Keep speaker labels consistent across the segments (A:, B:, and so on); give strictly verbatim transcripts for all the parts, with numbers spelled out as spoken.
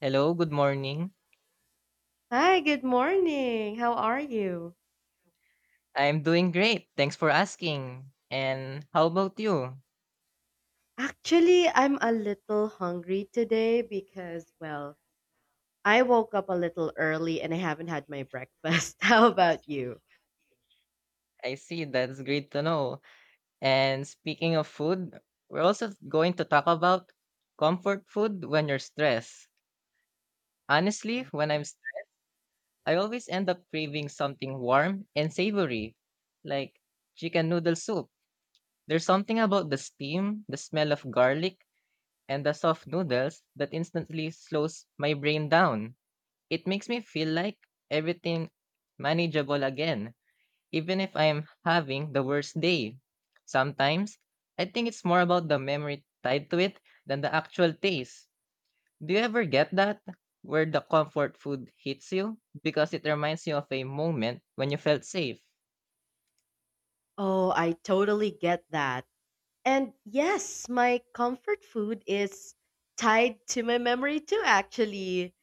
A: Hello, good morning.
B: Hi, good morning. How are you?
A: I'm doing great. Thanks for asking. And how about you?
B: Actually, I'm a little hungry today because, well, I woke up a little early and I haven't had my breakfast. How about you?
A: I see. That's great to know. And speaking of food, we're also going to talk about comfort food when you're stressed. Honestly,
B: Wow.
A: when I'm st- I always end up craving something warm and savory, like chicken noodle soup. There's something about the steam, the smell of garlic, and the soft noodles that instantly slows my brain down. It makes me feel like everything manageable again, even if I'm having the worst day. Sometimes, I think it's more about the memory tied to it than the actual taste. Do you ever get that? Where the comfort food hits you because it reminds you of a moment when you felt safe?
B: Oh, I totally get that. And yes, my comfort food is tied to my memory too, actually.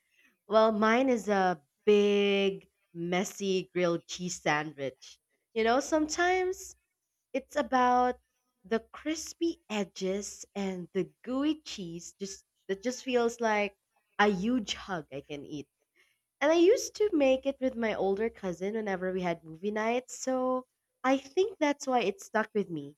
B: Well, mine is a big, messy grilled cheese sandwich. You know, sometimes it's about the crispy edges and the gooey cheese just that just feels like a huge hug I can eat. And I used to make it with my older cousin whenever we had movie nights, so I think that's why it stuck with me.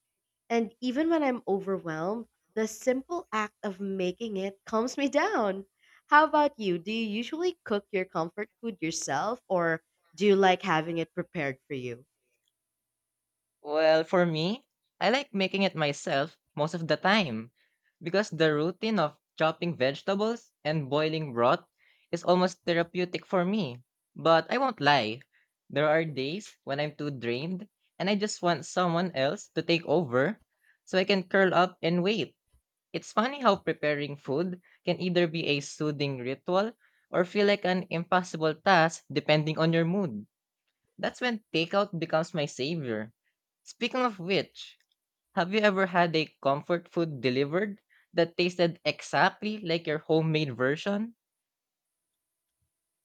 B: And even when I'm overwhelmed, the simple act of making it calms me down. How about you? Do you usually cook your comfort food yourself or do you like having it prepared for you?
A: Well, for me, I like making it myself most of the time because the routine of chopping vegetables and boiling broth is almost therapeutic for me. But I won't lie, there are days when I'm too drained and I just want someone else to take over so I can curl up and wait. It's funny how preparing food can either be a soothing ritual or feel like an impossible task depending on your mood. That's when takeout becomes my savior. Speaking of which, have you ever had a comfort food delivered that tasted exactly like your homemade version?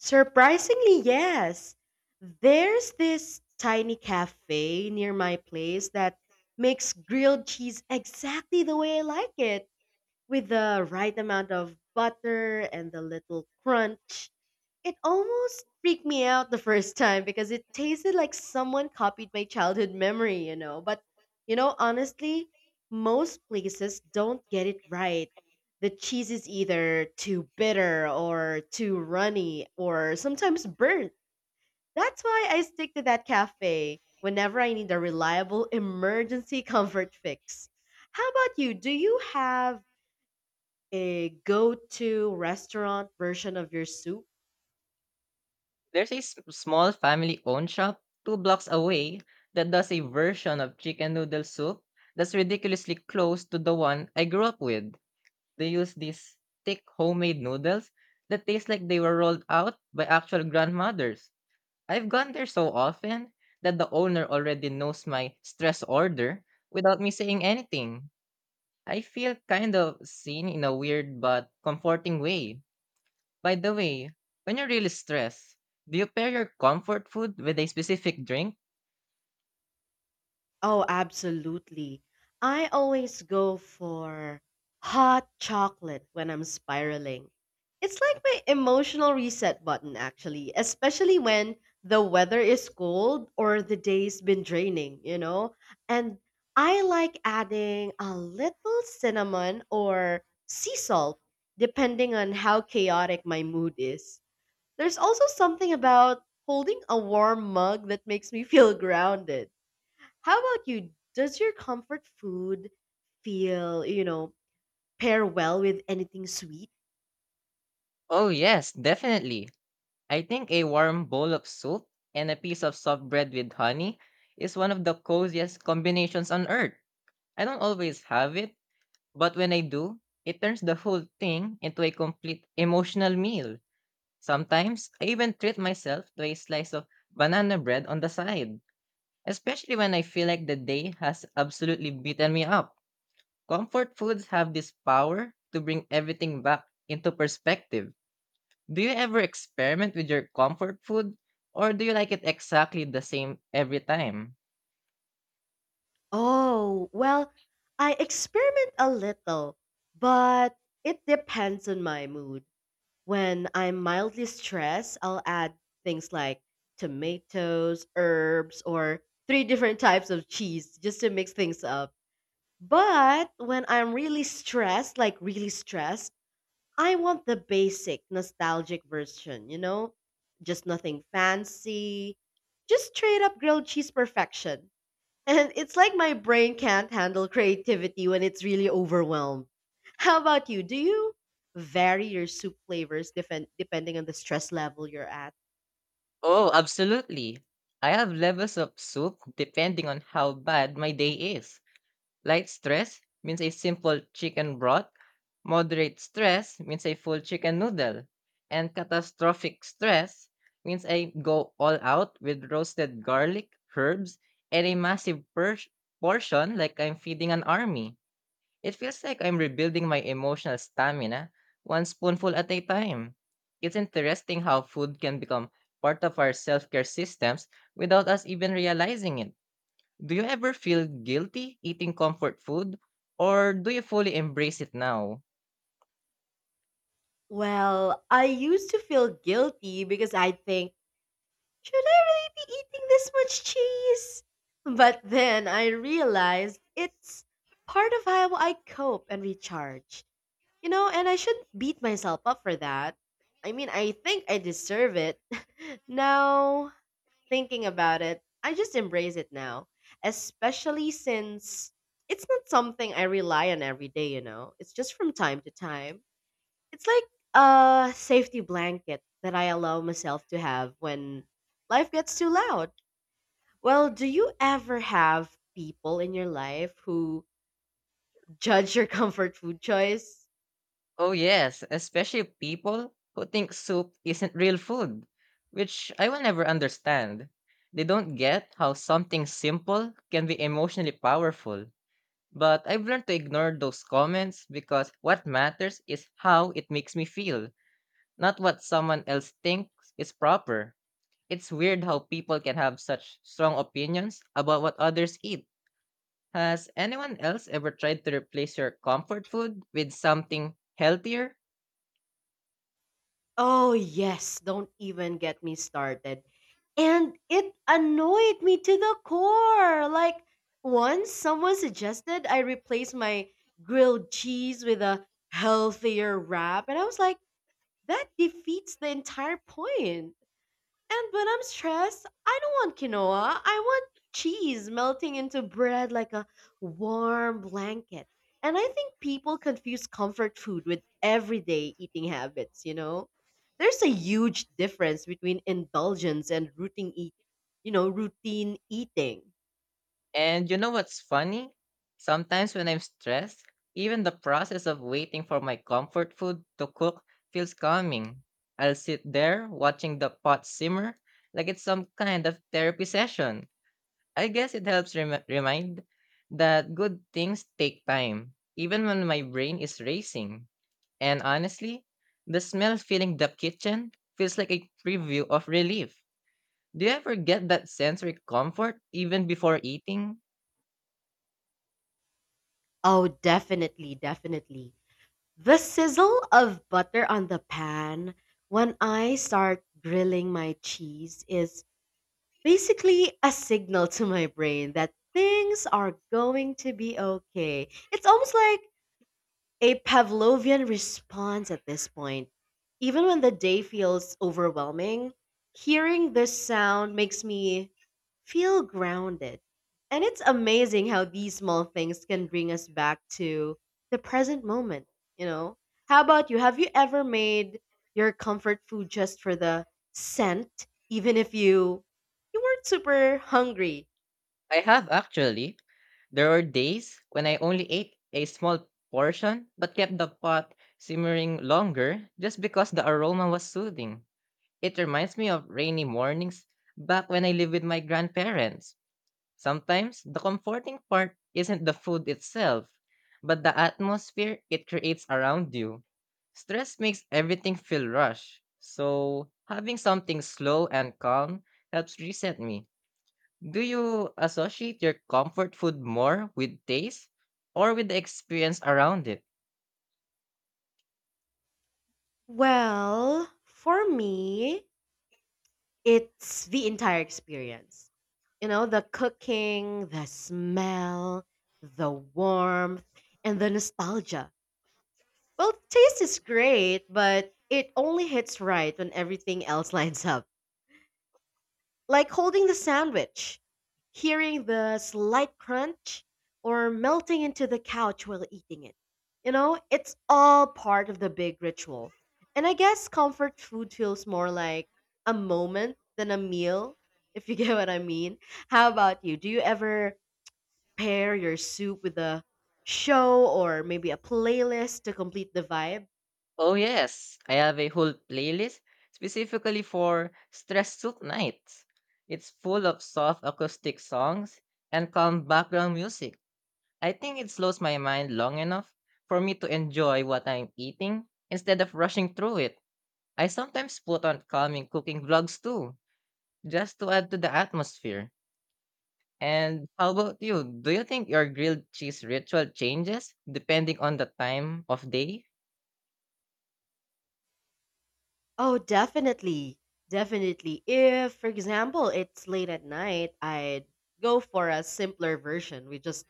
B: Surprisingly, yes. There's this tiny cafe near my place that makes grilled cheese exactly the way I like it, with the right amount of butter and the little crunch. It almost freaked me out the first time because it tasted like someone copied my childhood memory, you know. But, you know, honestly, most places don't get it right. The cheese is either too bitter or too runny or sometimes burnt. That's why I stick to that cafe whenever I need a reliable emergency comfort fix. How about you? Do you have a go to restaurant version of your soup?
A: There's a s- small family owned shop two blocks away that does a version of chicken noodle soup that's ridiculously close to the one I grew up with. They use these thick homemade noodles that taste like they were rolled out by actual grandmothers. I've gone there so often that the owner already knows my stress order without me saying anything. I feel kind of seen in a weird but comforting way. By the way, when you're really stressed, do you pair your comfort food with a specific drink?
B: Oh, absolutely. I always go for hot chocolate when I'm spiraling. It's like my emotional reset button, actually, especially when the weather is cold or the day's been draining, you know? And I like adding a little cinnamon or sea salt, depending on how chaotic my mood is. There's also something about holding a warm mug that makes me feel grounded. How about you? Does your comfort food feel, you know, pair well with anything sweet?
A: Oh, yes, definitely. I think a warm bowl of soup and a piece of soft bread with honey is one of the coziest combinations on earth. I don't always have it, but when I do, it turns the whole thing into a complete emotional meal. Sometimes I even treat myself to a slice of banana bread on the side, especially when I feel like the day has absolutely beaten me up. Comfort foods have this power to bring everything back into perspective. Do you ever experiment with your comfort food, or do you like it exactly the same every time?
B: Oh, well, I experiment a little, but it depends on my mood. When I'm mildly stressed, I'll add things like tomatoes, herbs, or three different types of cheese just to mix things up. But when I'm really stressed, like really stressed, I want the basic nostalgic version, you know? Just nothing fancy, just straight up grilled cheese perfection. And it's like my brain can't handle creativity when it's really overwhelmed. How about you? Do you vary your soup flavors defen- depending on the stress level you're at?
A: Oh, absolutely. I have levels of soup depending on how bad my day is. Light stress means a simple chicken broth. Moderate stress means a full chicken noodle. And catastrophic stress means I go all out with roasted garlic, herbs, and a massive per- portion like I'm feeding an army. It feels like I'm rebuilding my emotional stamina one spoonful at a time. It's interesting how food can become part of our self care systems without us even realizing it. Do you ever feel guilty eating comfort food or do you fully embrace it now?
B: Well, I used to feel guilty because I think, should I really be eating this much cheese? But then I realized it's part of how I cope and recharge. You know, and I shouldn't beat myself up for that. I mean, I think I deserve it. Now, thinking about it, I just embrace it now, especially since it's not something I rely on every day, you know. It's just from time to time. It's like a safety blanket that I allow myself to have when life gets too loud. Well, do you ever have people in your life who judge your comfort food choice?
A: Oh, yes, especially people who think soup isn't real food, which I will never understand. They don't get how something simple can be emotionally powerful. But I've learned to ignore those comments because what matters is how it makes me feel, not what someone else thinks is proper. It's weird how people can have such strong opinions about what others eat. Has anyone else ever tried to replace your comfort food with something healthier?
B: Oh, yes, don't even get me started. And it annoyed me to the core. Like, once someone suggested I replace my grilled cheese with a healthier wrap, and I was like, that defeats the entire point. And when I'm stressed, I don't want quinoa. I want cheese melting into bread like a warm blanket. And I think people confuse comfort food with everyday eating habits, you know? There's a huge difference between indulgence and routine eat, you know, routine eating.
A: And you know what's funny? Sometimes when I'm stressed, even the process of waiting for my comfort food to cook feels calming. I'll sit there watching the pot simmer like it's some kind of therapy session. I guess it helps rem- remind that good things take time, even when my brain is racing. And honestly, the smell filling the kitchen feels like a preview of relief. Do you ever get that sensory comfort even before eating?
B: Oh, definitely, definitely. The sizzle of butter on the pan when I start grilling my cheese is basically a signal to my brain that things are going to be okay. It's almost like a Pavlovian response at this point. Even when the day feels overwhelming, hearing this sound makes me feel grounded. And it's amazing how these small things can bring us back to the present moment, you know? How about you? Have you ever made your comfort food just for the scent, even if you you weren't super hungry?
A: I have actually. There were days when I only ate a small portion but kept the pot simmering longer just because the aroma was soothing. It reminds me of rainy mornings back when I lived with my grandparents. Sometimes the comforting part isn't the food itself, but the atmosphere it creates around you. Stress makes everything feel rushed, so having something slow and calm helps reset me. Do you associate your comfort food more with taste or with the experience around it?
B: Well, for me, it's the entire experience. You know, the cooking, the smell, the warmth, and the nostalgia. Well, taste is great, but it only hits right when everything else lines up. Like holding the sandwich, hearing the slight crunch, or melting into the couch while eating it. You know, it's all part of the big ritual. And I guess comfort food feels more like a moment than a meal, if you get what I mean. How about you? Do you ever pair your soup with a show or maybe a playlist to complete the vibe?
A: Oh, yes, I have a whole playlist specifically for stress soup nights. It's full of soft acoustic songs and calm background music. I think it slows my mind long enough for me to enjoy what I'm eating instead of rushing through it. I sometimes put on calming cooking vlogs too, just to add to the atmosphere. And how about you? Do you think your grilled cheese ritual changes depending on the time of day?
B: Oh, definitely. Definitely. If, for example, it's late at night, I'd go for a simpler version with just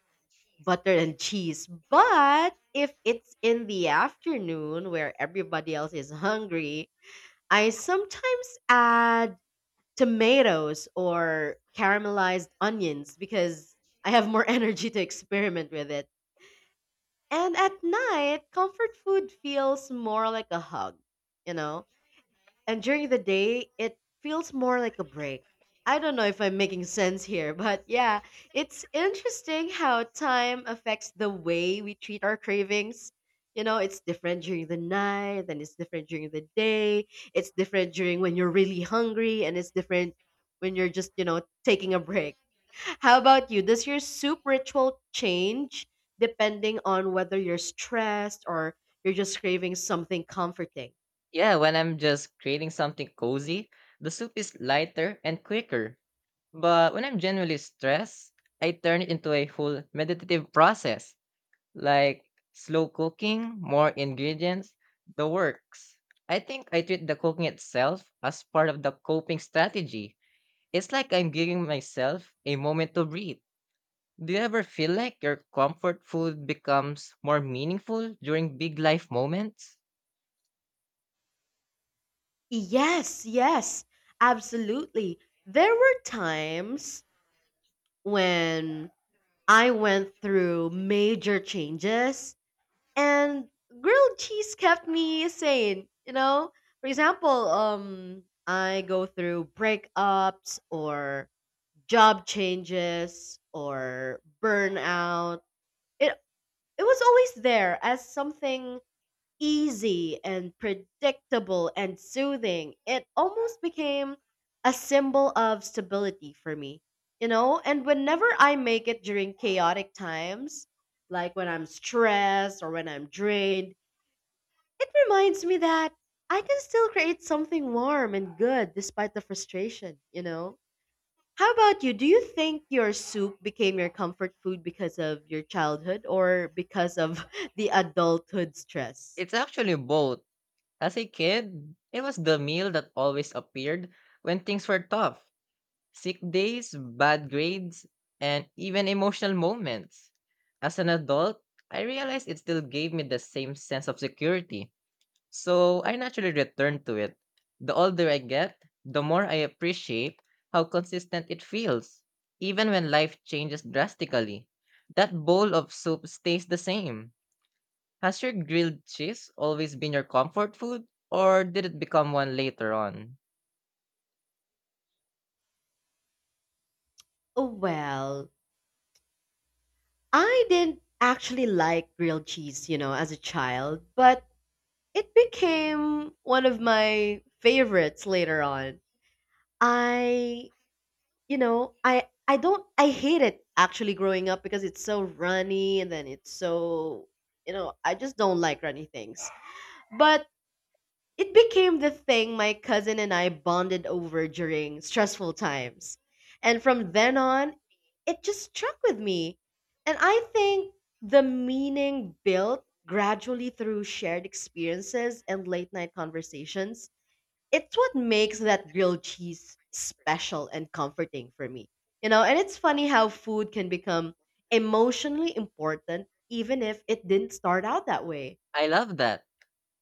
B: butter and cheese. But if it's in the afternoon where everybody else is hungry, I sometimes add tomatoes or caramelized onions because I have more energy to experiment with it. And at night, comfort food feels more like a hug, you know? And during the day, it feels more like a break. I don't know if I'm making sense here, but yeah, it's interesting how time affects the way we treat our cravings. You know, it's different during the night, and it's different during the day. It's different during when you're really hungry, and it's different when you're just, you know, taking a break. How about you? Does your soup ritual change depending on whether you're stressed or you're just craving something comforting?
A: Yeah, when I'm just creating something cozy, the soup is lighter and quicker. But when I'm genuinely stressed, I turn it into a whole meditative process. Like slow cooking, more ingredients, the works. I think I treat the cooking itself as part of the coping strategy. It's like I'm giving myself a moment to breathe. Do you ever feel like your comfort food becomes more meaningful during big life moments?
B: Yes, yes, absolutely. There were times when I went through major changes and grilled cheese kept me sane, you know? For example, um I go through breakups or job changes or burnout. It it was always there as something easy and predictable and soothing. It almost became a symbol of stability for me, you know? And whenever I make it during chaotic times, like when I'm stressed or when I'm drained, it reminds me that I can still create something warm and good despite the frustration, you know? How about you? Do you think your soup became your comfort food because of your childhood or because of the adulthood stress?
A: It's actually both. As a kid, it was the meal that always appeared when things were tough. Sick days, bad grades, and even emotional moments. As an adult, I realized it still gave me the same sense of security, so I naturally returned to it. The older I get, the more I appreciate how consistent it feels, even when life changes drastically. That bowl of soup stays the same. Has your grilled cheese always been your comfort food, or did it become one later on?
B: Oh, well, I didn't actually like grilled cheese, you know, as a child, but it became one of my favorites later on. I, you know, I I don't I hate it actually growing up because it's so runny and then it's so, you know, I just don't like runny things. But it became the thing my cousin and I bonded over during stressful times. And from then on, it just struck with me. And I think the meaning built gradually through shared experiences and late night conversations. It's what makes that grilled cheese special and comforting for me. You know, and it's funny how food can become emotionally important even if it didn't start out that way.
A: I love that.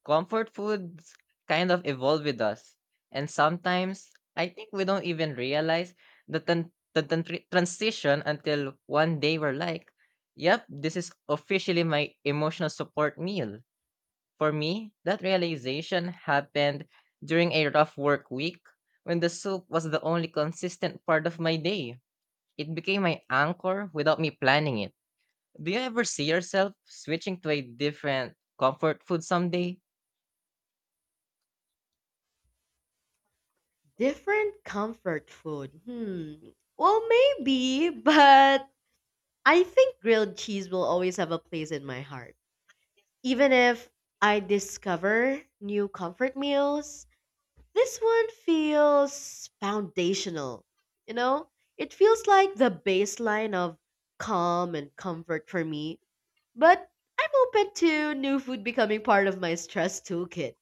A: Comfort foods kind of evolve with us. And sometimes I think we don't even realize the, tran- the tran- tran- transition until one day we're like, yep, this is officially my emotional support meal. For me, that realization happened during a rough work week when the soup was the only consistent part of my day. It became my anchor without me planning it. Do you ever see yourself switching to a different comfort food someday?
B: Different comfort food. Hmm. Well, maybe, but I think grilled cheese will always have a place in my heart. Even if I discover new comfort meals, this one feels foundational. You know, it feels like the baseline of calm and comfort for me, but I'm open to new food becoming part of my stress toolkit.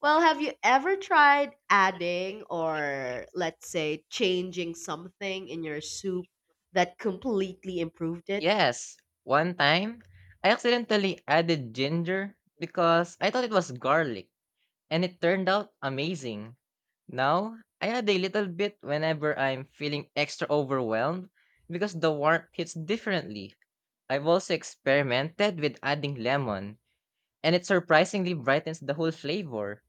B: Well, have you ever tried adding or let's say changing something in your soup that completely improved it?
A: Yes, one time I accidentally added ginger because I thought it was garlic and it turned out amazing. Now, I add a little bit whenever I'm feeling extra overwhelmed because the warmth hits differently. I've also experimented with adding lemon and it surprisingly brightens the whole flavor.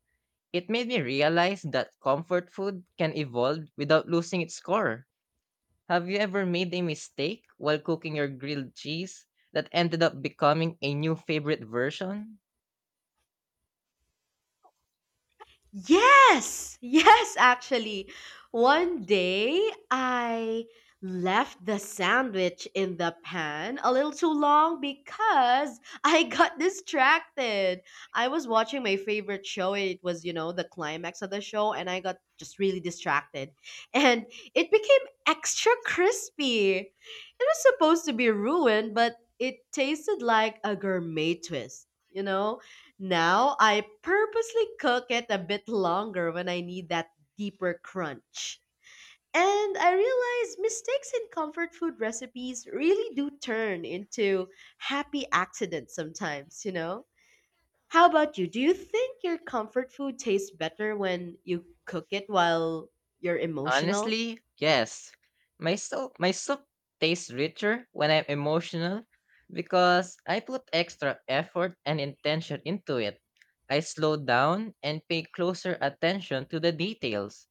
A: It made me realize that comfort food can evolve without losing its core. Have you ever made a mistake while cooking your grilled cheese that ended up becoming a new favorite version?
B: Yes, yes, actually. One day I left the sandwich in the pan a little too long because I got distracted. I was watching my favorite show. It was, you know, the climax of the show, and I got just really distracted. And it became extra crispy. It was supposed to be ruined, but it tasted like a gourmet twist, you know? Now I purposely cook it a bit longer when I need that deeper crunch. And I realize mistakes in comfort food recipes really do turn into happy accidents sometimes, you know? How about you? Do you think your comfort food tastes better when you cook it while you're emotional?
A: Honestly, yes. My soup, my soup tastes richer when I'm emotional because I put extra effort and intention into it. I slow down and pay closer attention to the details.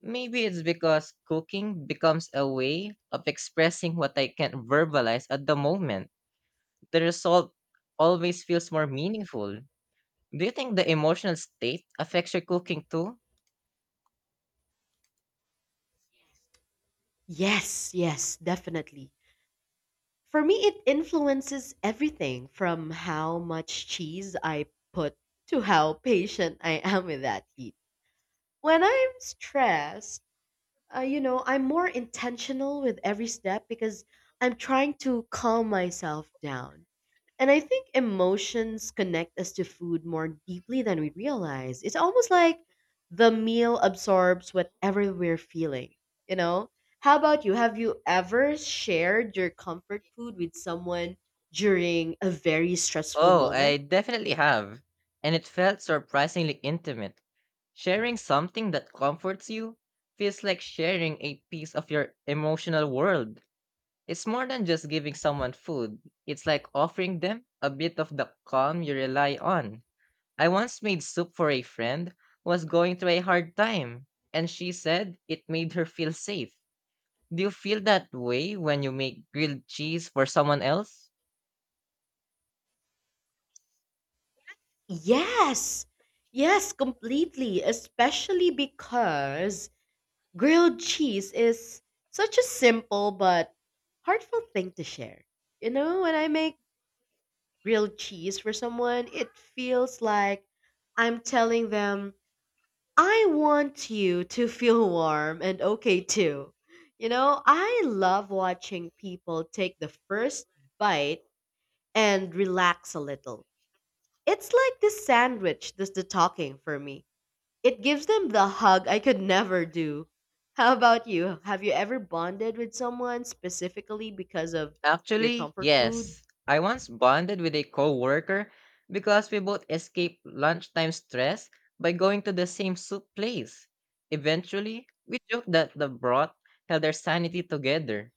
A: Maybe it's because cooking becomes a way of expressing what I can't verbalize at the moment. The result always feels more meaningful. Do you think the emotional state affects your cooking too?
B: Yes, yes, definitely. For me, it influences everything from how much cheese I put to how patient I am with that heat. When I'm stressed, uh, you know, I'm more intentional with every step because I'm trying to calm myself down. And I think emotions connect us to food more deeply than we realize. It's almost like the meal absorbs whatever we're feeling, you know? How about you? Have you ever shared your comfort food with someone during a very stressful
A: Oh, I
B: moment?
A: definitely have. And it felt surprisingly intimate. Sharing something that comforts you feels like sharing a piece of your emotional world. It's more than just giving someone food, it's like offering them a bit of the calm you rely on. I once made soup for a friend who was going through a hard time, and she said it made her feel safe. Do you feel that way when you make grilled cheese for someone else?
B: Yes. Yes, completely, especially because grilled cheese is such a simple but heartfelt thing to share. You know, when I make grilled cheese for someone, it feels like I'm telling them, I want you to feel warm and okay too. You know, I love watching people take the first bite and relax a little. It's like this sandwich does the talking for me. It gives them the hug I could never do. How about you? Have you ever bonded with someone specifically because of your
A: Actually,
B: comfort food?
A: yes. I once bonded with a coworker because we both escaped lunchtime stress by going to the same soup place. Eventually, we joked that the broth held our sanity together.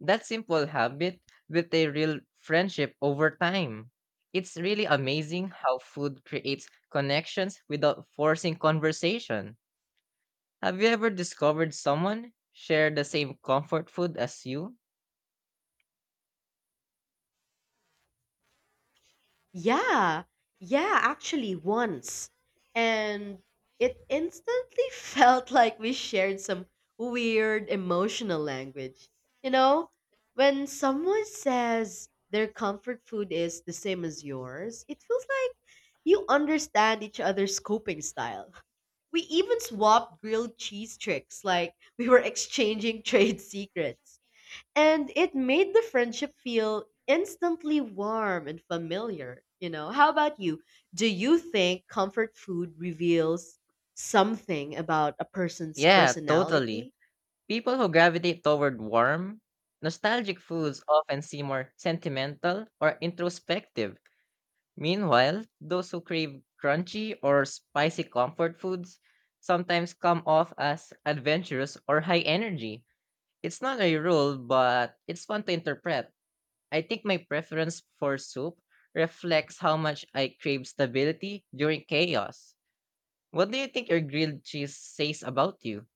A: That simple habit built a real friendship over time. It's really amazing how food creates connections without forcing conversation. Have you ever discovered someone share the same comfort food as you?
B: Yeah, yeah, actually, once. And it instantly felt like we shared some weird emotional language. You know, when someone says their comfort food is the same as yours, it feels like you understand each other's coping style. We even swapped grilled cheese tricks like we were exchanging trade secrets. And it made the friendship feel instantly warm and familiar. You know, how about you? Do you think comfort food reveals something about a person's
A: Yeah, totally.
B: personality?
A: People who gravitate toward warm, nostalgic foods often seem more sentimental or introspective. Meanwhile, those who crave crunchy or spicy comfort foods sometimes come off as adventurous or high energy. It's not a rule, but it's fun to interpret. I think my preference for soup reflects how much I crave stability during chaos. What do you think your grilled cheese says about you?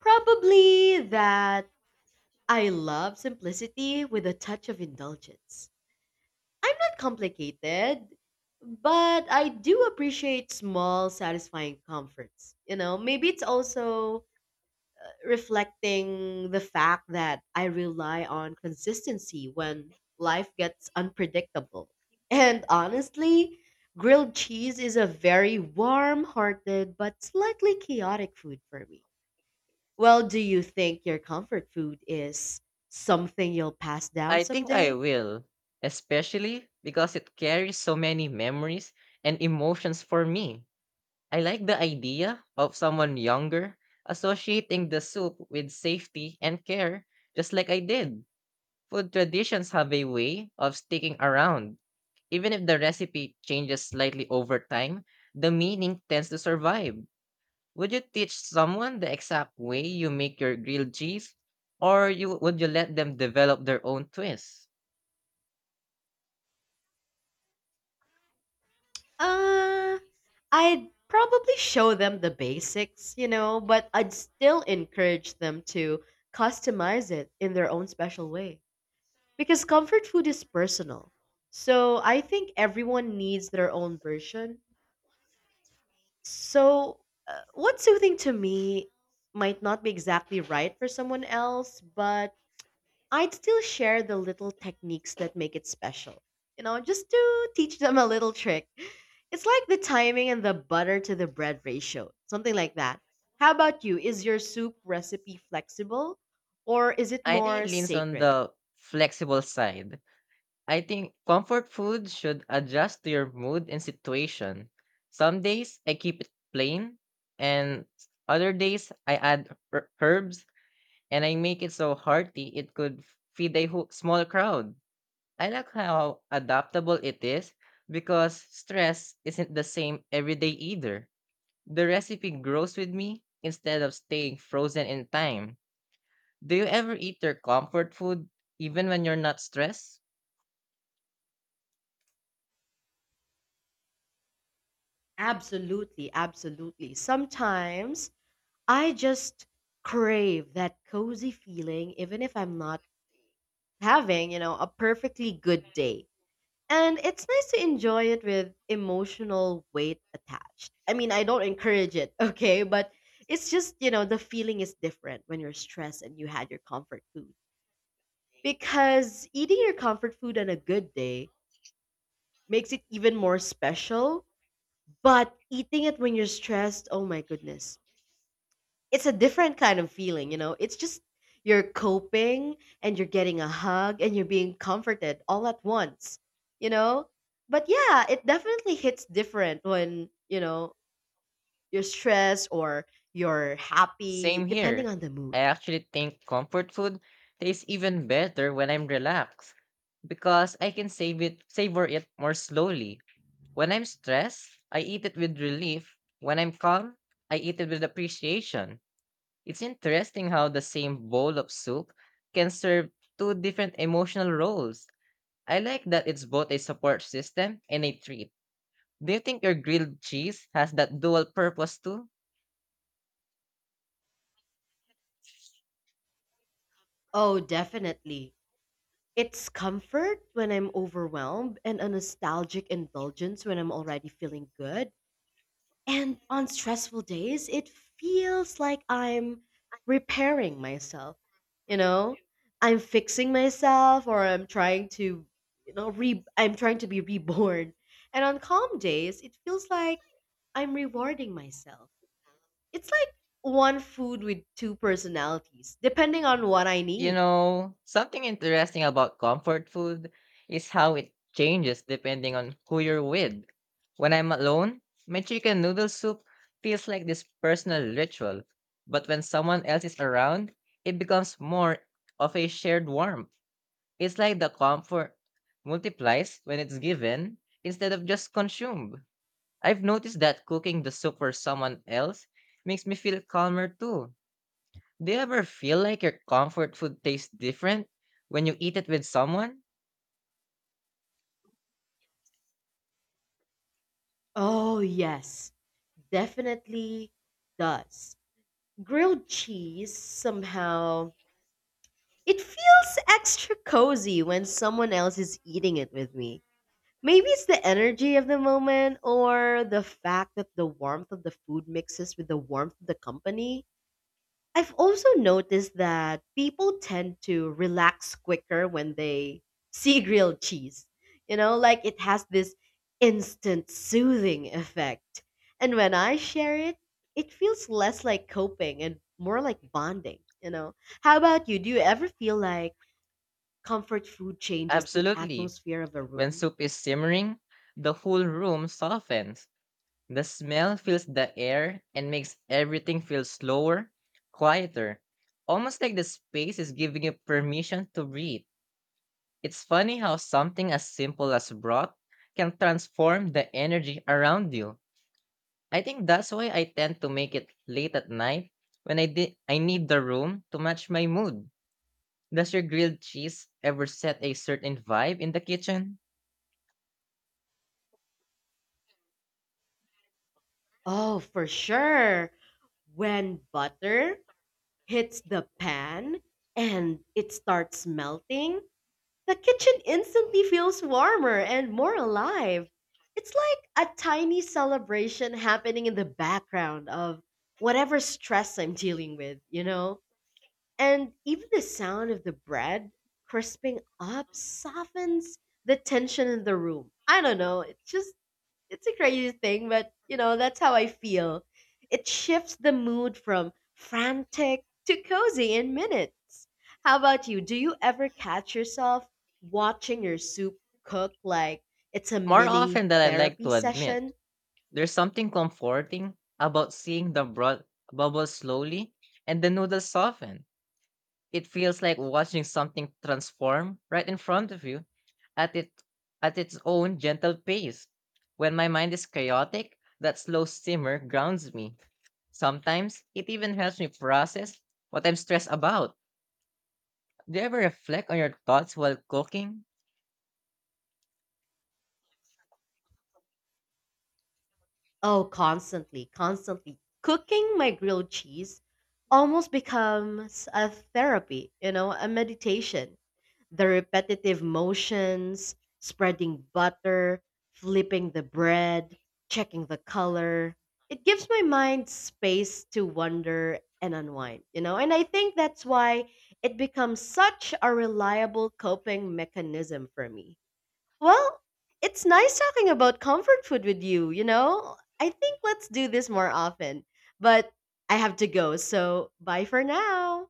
B: Probably that I love simplicity with a touch of indulgence. I'm not complicated, but I do appreciate small, satisfying comforts. You know, maybe it's also reflecting the fact that I rely on consistency when life gets unpredictable. And honestly, grilled cheese is a very warm hearted but slightly chaotic food for me. Well, do you think your comfort food is something you'll pass down
A: I think I
B: someday?
A: will, especially because it carries so many memories and emotions for me. I like the idea of someone younger associating the soup with safety and care, just like I did. Food traditions have a way of sticking around. Even if the recipe changes slightly over time, the meaning tends to survive. Would you teach someone the exact way you make your grilled cheese, or you would you let them develop their own twist?
B: Uh, I'd probably show them the basics, you know, but I'd still encourage them to customize it in their own special way. Because comfort food is personal. So I think everyone needs their own version. So, uh, what's soothing to me might not be exactly right for someone else, but I'd still share the little techniques that make it special. You know, just to teach them a little trick. It's like the timing and the butter to the bread ratio, something like that. How about you? Is your soup recipe flexible or is it
A: I think
B: more
A: it leans on
B: sacred?
A: the flexible side. I think comfort food should adjust to your mood and situation. Some days I keep it plain, and other days I add her- herbs and I make it so hearty it could feed a whole, small crowd. I like how adaptable it is because stress isn't the same every day either. The recipe grows with me instead of staying frozen in time. Do you ever eat your comfort food even when you're not stressed?
B: Absolutely, absolutely. Sometimes I just crave that cozy feeling, even if I'm not having, you know, a perfectly good day. And it's nice to enjoy it with emotional weight attached. I mean, I don't encourage it, okay? But it's just, you know, the feeling is different when you're stressed and you had your comfort food. Because eating your comfort food on a good day makes it even more special. But eating it when you're stressed, oh my goodness, it's a different kind of feeling, you know. It's just you're coping and you're getting a hug and you're being comforted all at once, you know? But yeah, it definitely hits different when, you know, you're stressed or you're happy,
A: Same
B: depending
A: here.
B: on the
A: I
B: mood.
A: actually think comfort food tastes even better when I'm relaxed because I can save it savor it more slowly. When I'm stressed, I eat it with relief. When I'm calm, I eat it with appreciation. It's interesting how the same bowl of soup can serve two different emotional roles. I like that it's both a support system and a treat. Do you think your grilled cheese has that dual purpose too?
B: Oh, definitely. It's comfort when I'm overwhelmed and a nostalgic indulgence when I'm already feeling good. And on stressful days, it feels like I'm repairing myself. You know, I'm fixing myself, or I'm trying to, you know, re- I'm trying to be reborn. And on calm days, it feels like I'm rewarding myself. It's like one food with two personalities, depending on what I
A: You
B: need.
A: know, something interesting about comfort food is how it changes depending on who you're with. When I'm alone, my chicken noodle soup feels like this personal ritual. But when someone else is around, it becomes more of a shared warmth. It's like the comfort multiplies when it's given instead of just consumed. I've noticed that cooking the soup for someone else makes me feel calmer too. Do you ever feel like your comfort food tastes different when you eat it with someone?
B: Oh, yes, definitely does. Grilled cheese somehow it feels extra cozy when someone else is eating it with me. Maybe it's the energy of the moment or the fact that the warmth of the food mixes with the warmth of the company. I've also noticed that people tend to relax quicker when they see grilled cheese. You know, like it has this instant soothing effect. And when I share it, it feels less like coping and more like bonding, you know. How about you? Do you ever feel like comfort food changes the
A: Absolutely.
B: atmosphere of a
A: When
B: room?
A: soup is simmering, the whole room softens. The smell fills the air and makes everything feel slower, quieter, almost like the space is giving you permission to breathe. It's funny how something as simple as broth can transform the energy around you. I think that's why I tend to make it late at night when I di- I need the room to match my mood. Does your grilled cheese ever set a certain vibe in the kitchen?
B: Oh, for sure. When butter hits the pan and it starts melting, the kitchen instantly feels warmer and more alive. It's like a tiny celebration happening in the background of whatever stress I'm dealing with, you know? And even the sound of the bread crisping up softens the tension in the room. I don't know. It's just it's a crazy thing, but you know, that's how I feel. It shifts the mood from frantic to cozy in minutes. How about you? Do you ever catch yourself watching your soup cook like it's a
A: More
B: mini
A: often than I like
B: therapy
A: to admit,
B: session?
A: there's something comforting about seeing the broth bubble slowly and the noodles soften. It feels like watching something transform right in front of you at it at its own gentle pace. When my mind is chaotic, that slow simmer grounds me. Sometimes it even helps me process what I'm stressed about. Do you ever reflect on your thoughts while cooking?
B: Oh, constantly, constantly. Cooking my grilled cheese almost becomes a therapy, you know, a meditation. The repetitive motions, spreading butter, flipping the bread, checking the color. It gives my mind space to wonder and unwind, you know? And I think that's why it becomes such a reliable coping mechanism for me. Well, it's nice talking about comfort food with you, you know? I think let's do this more often. But I have to go, so bye for now.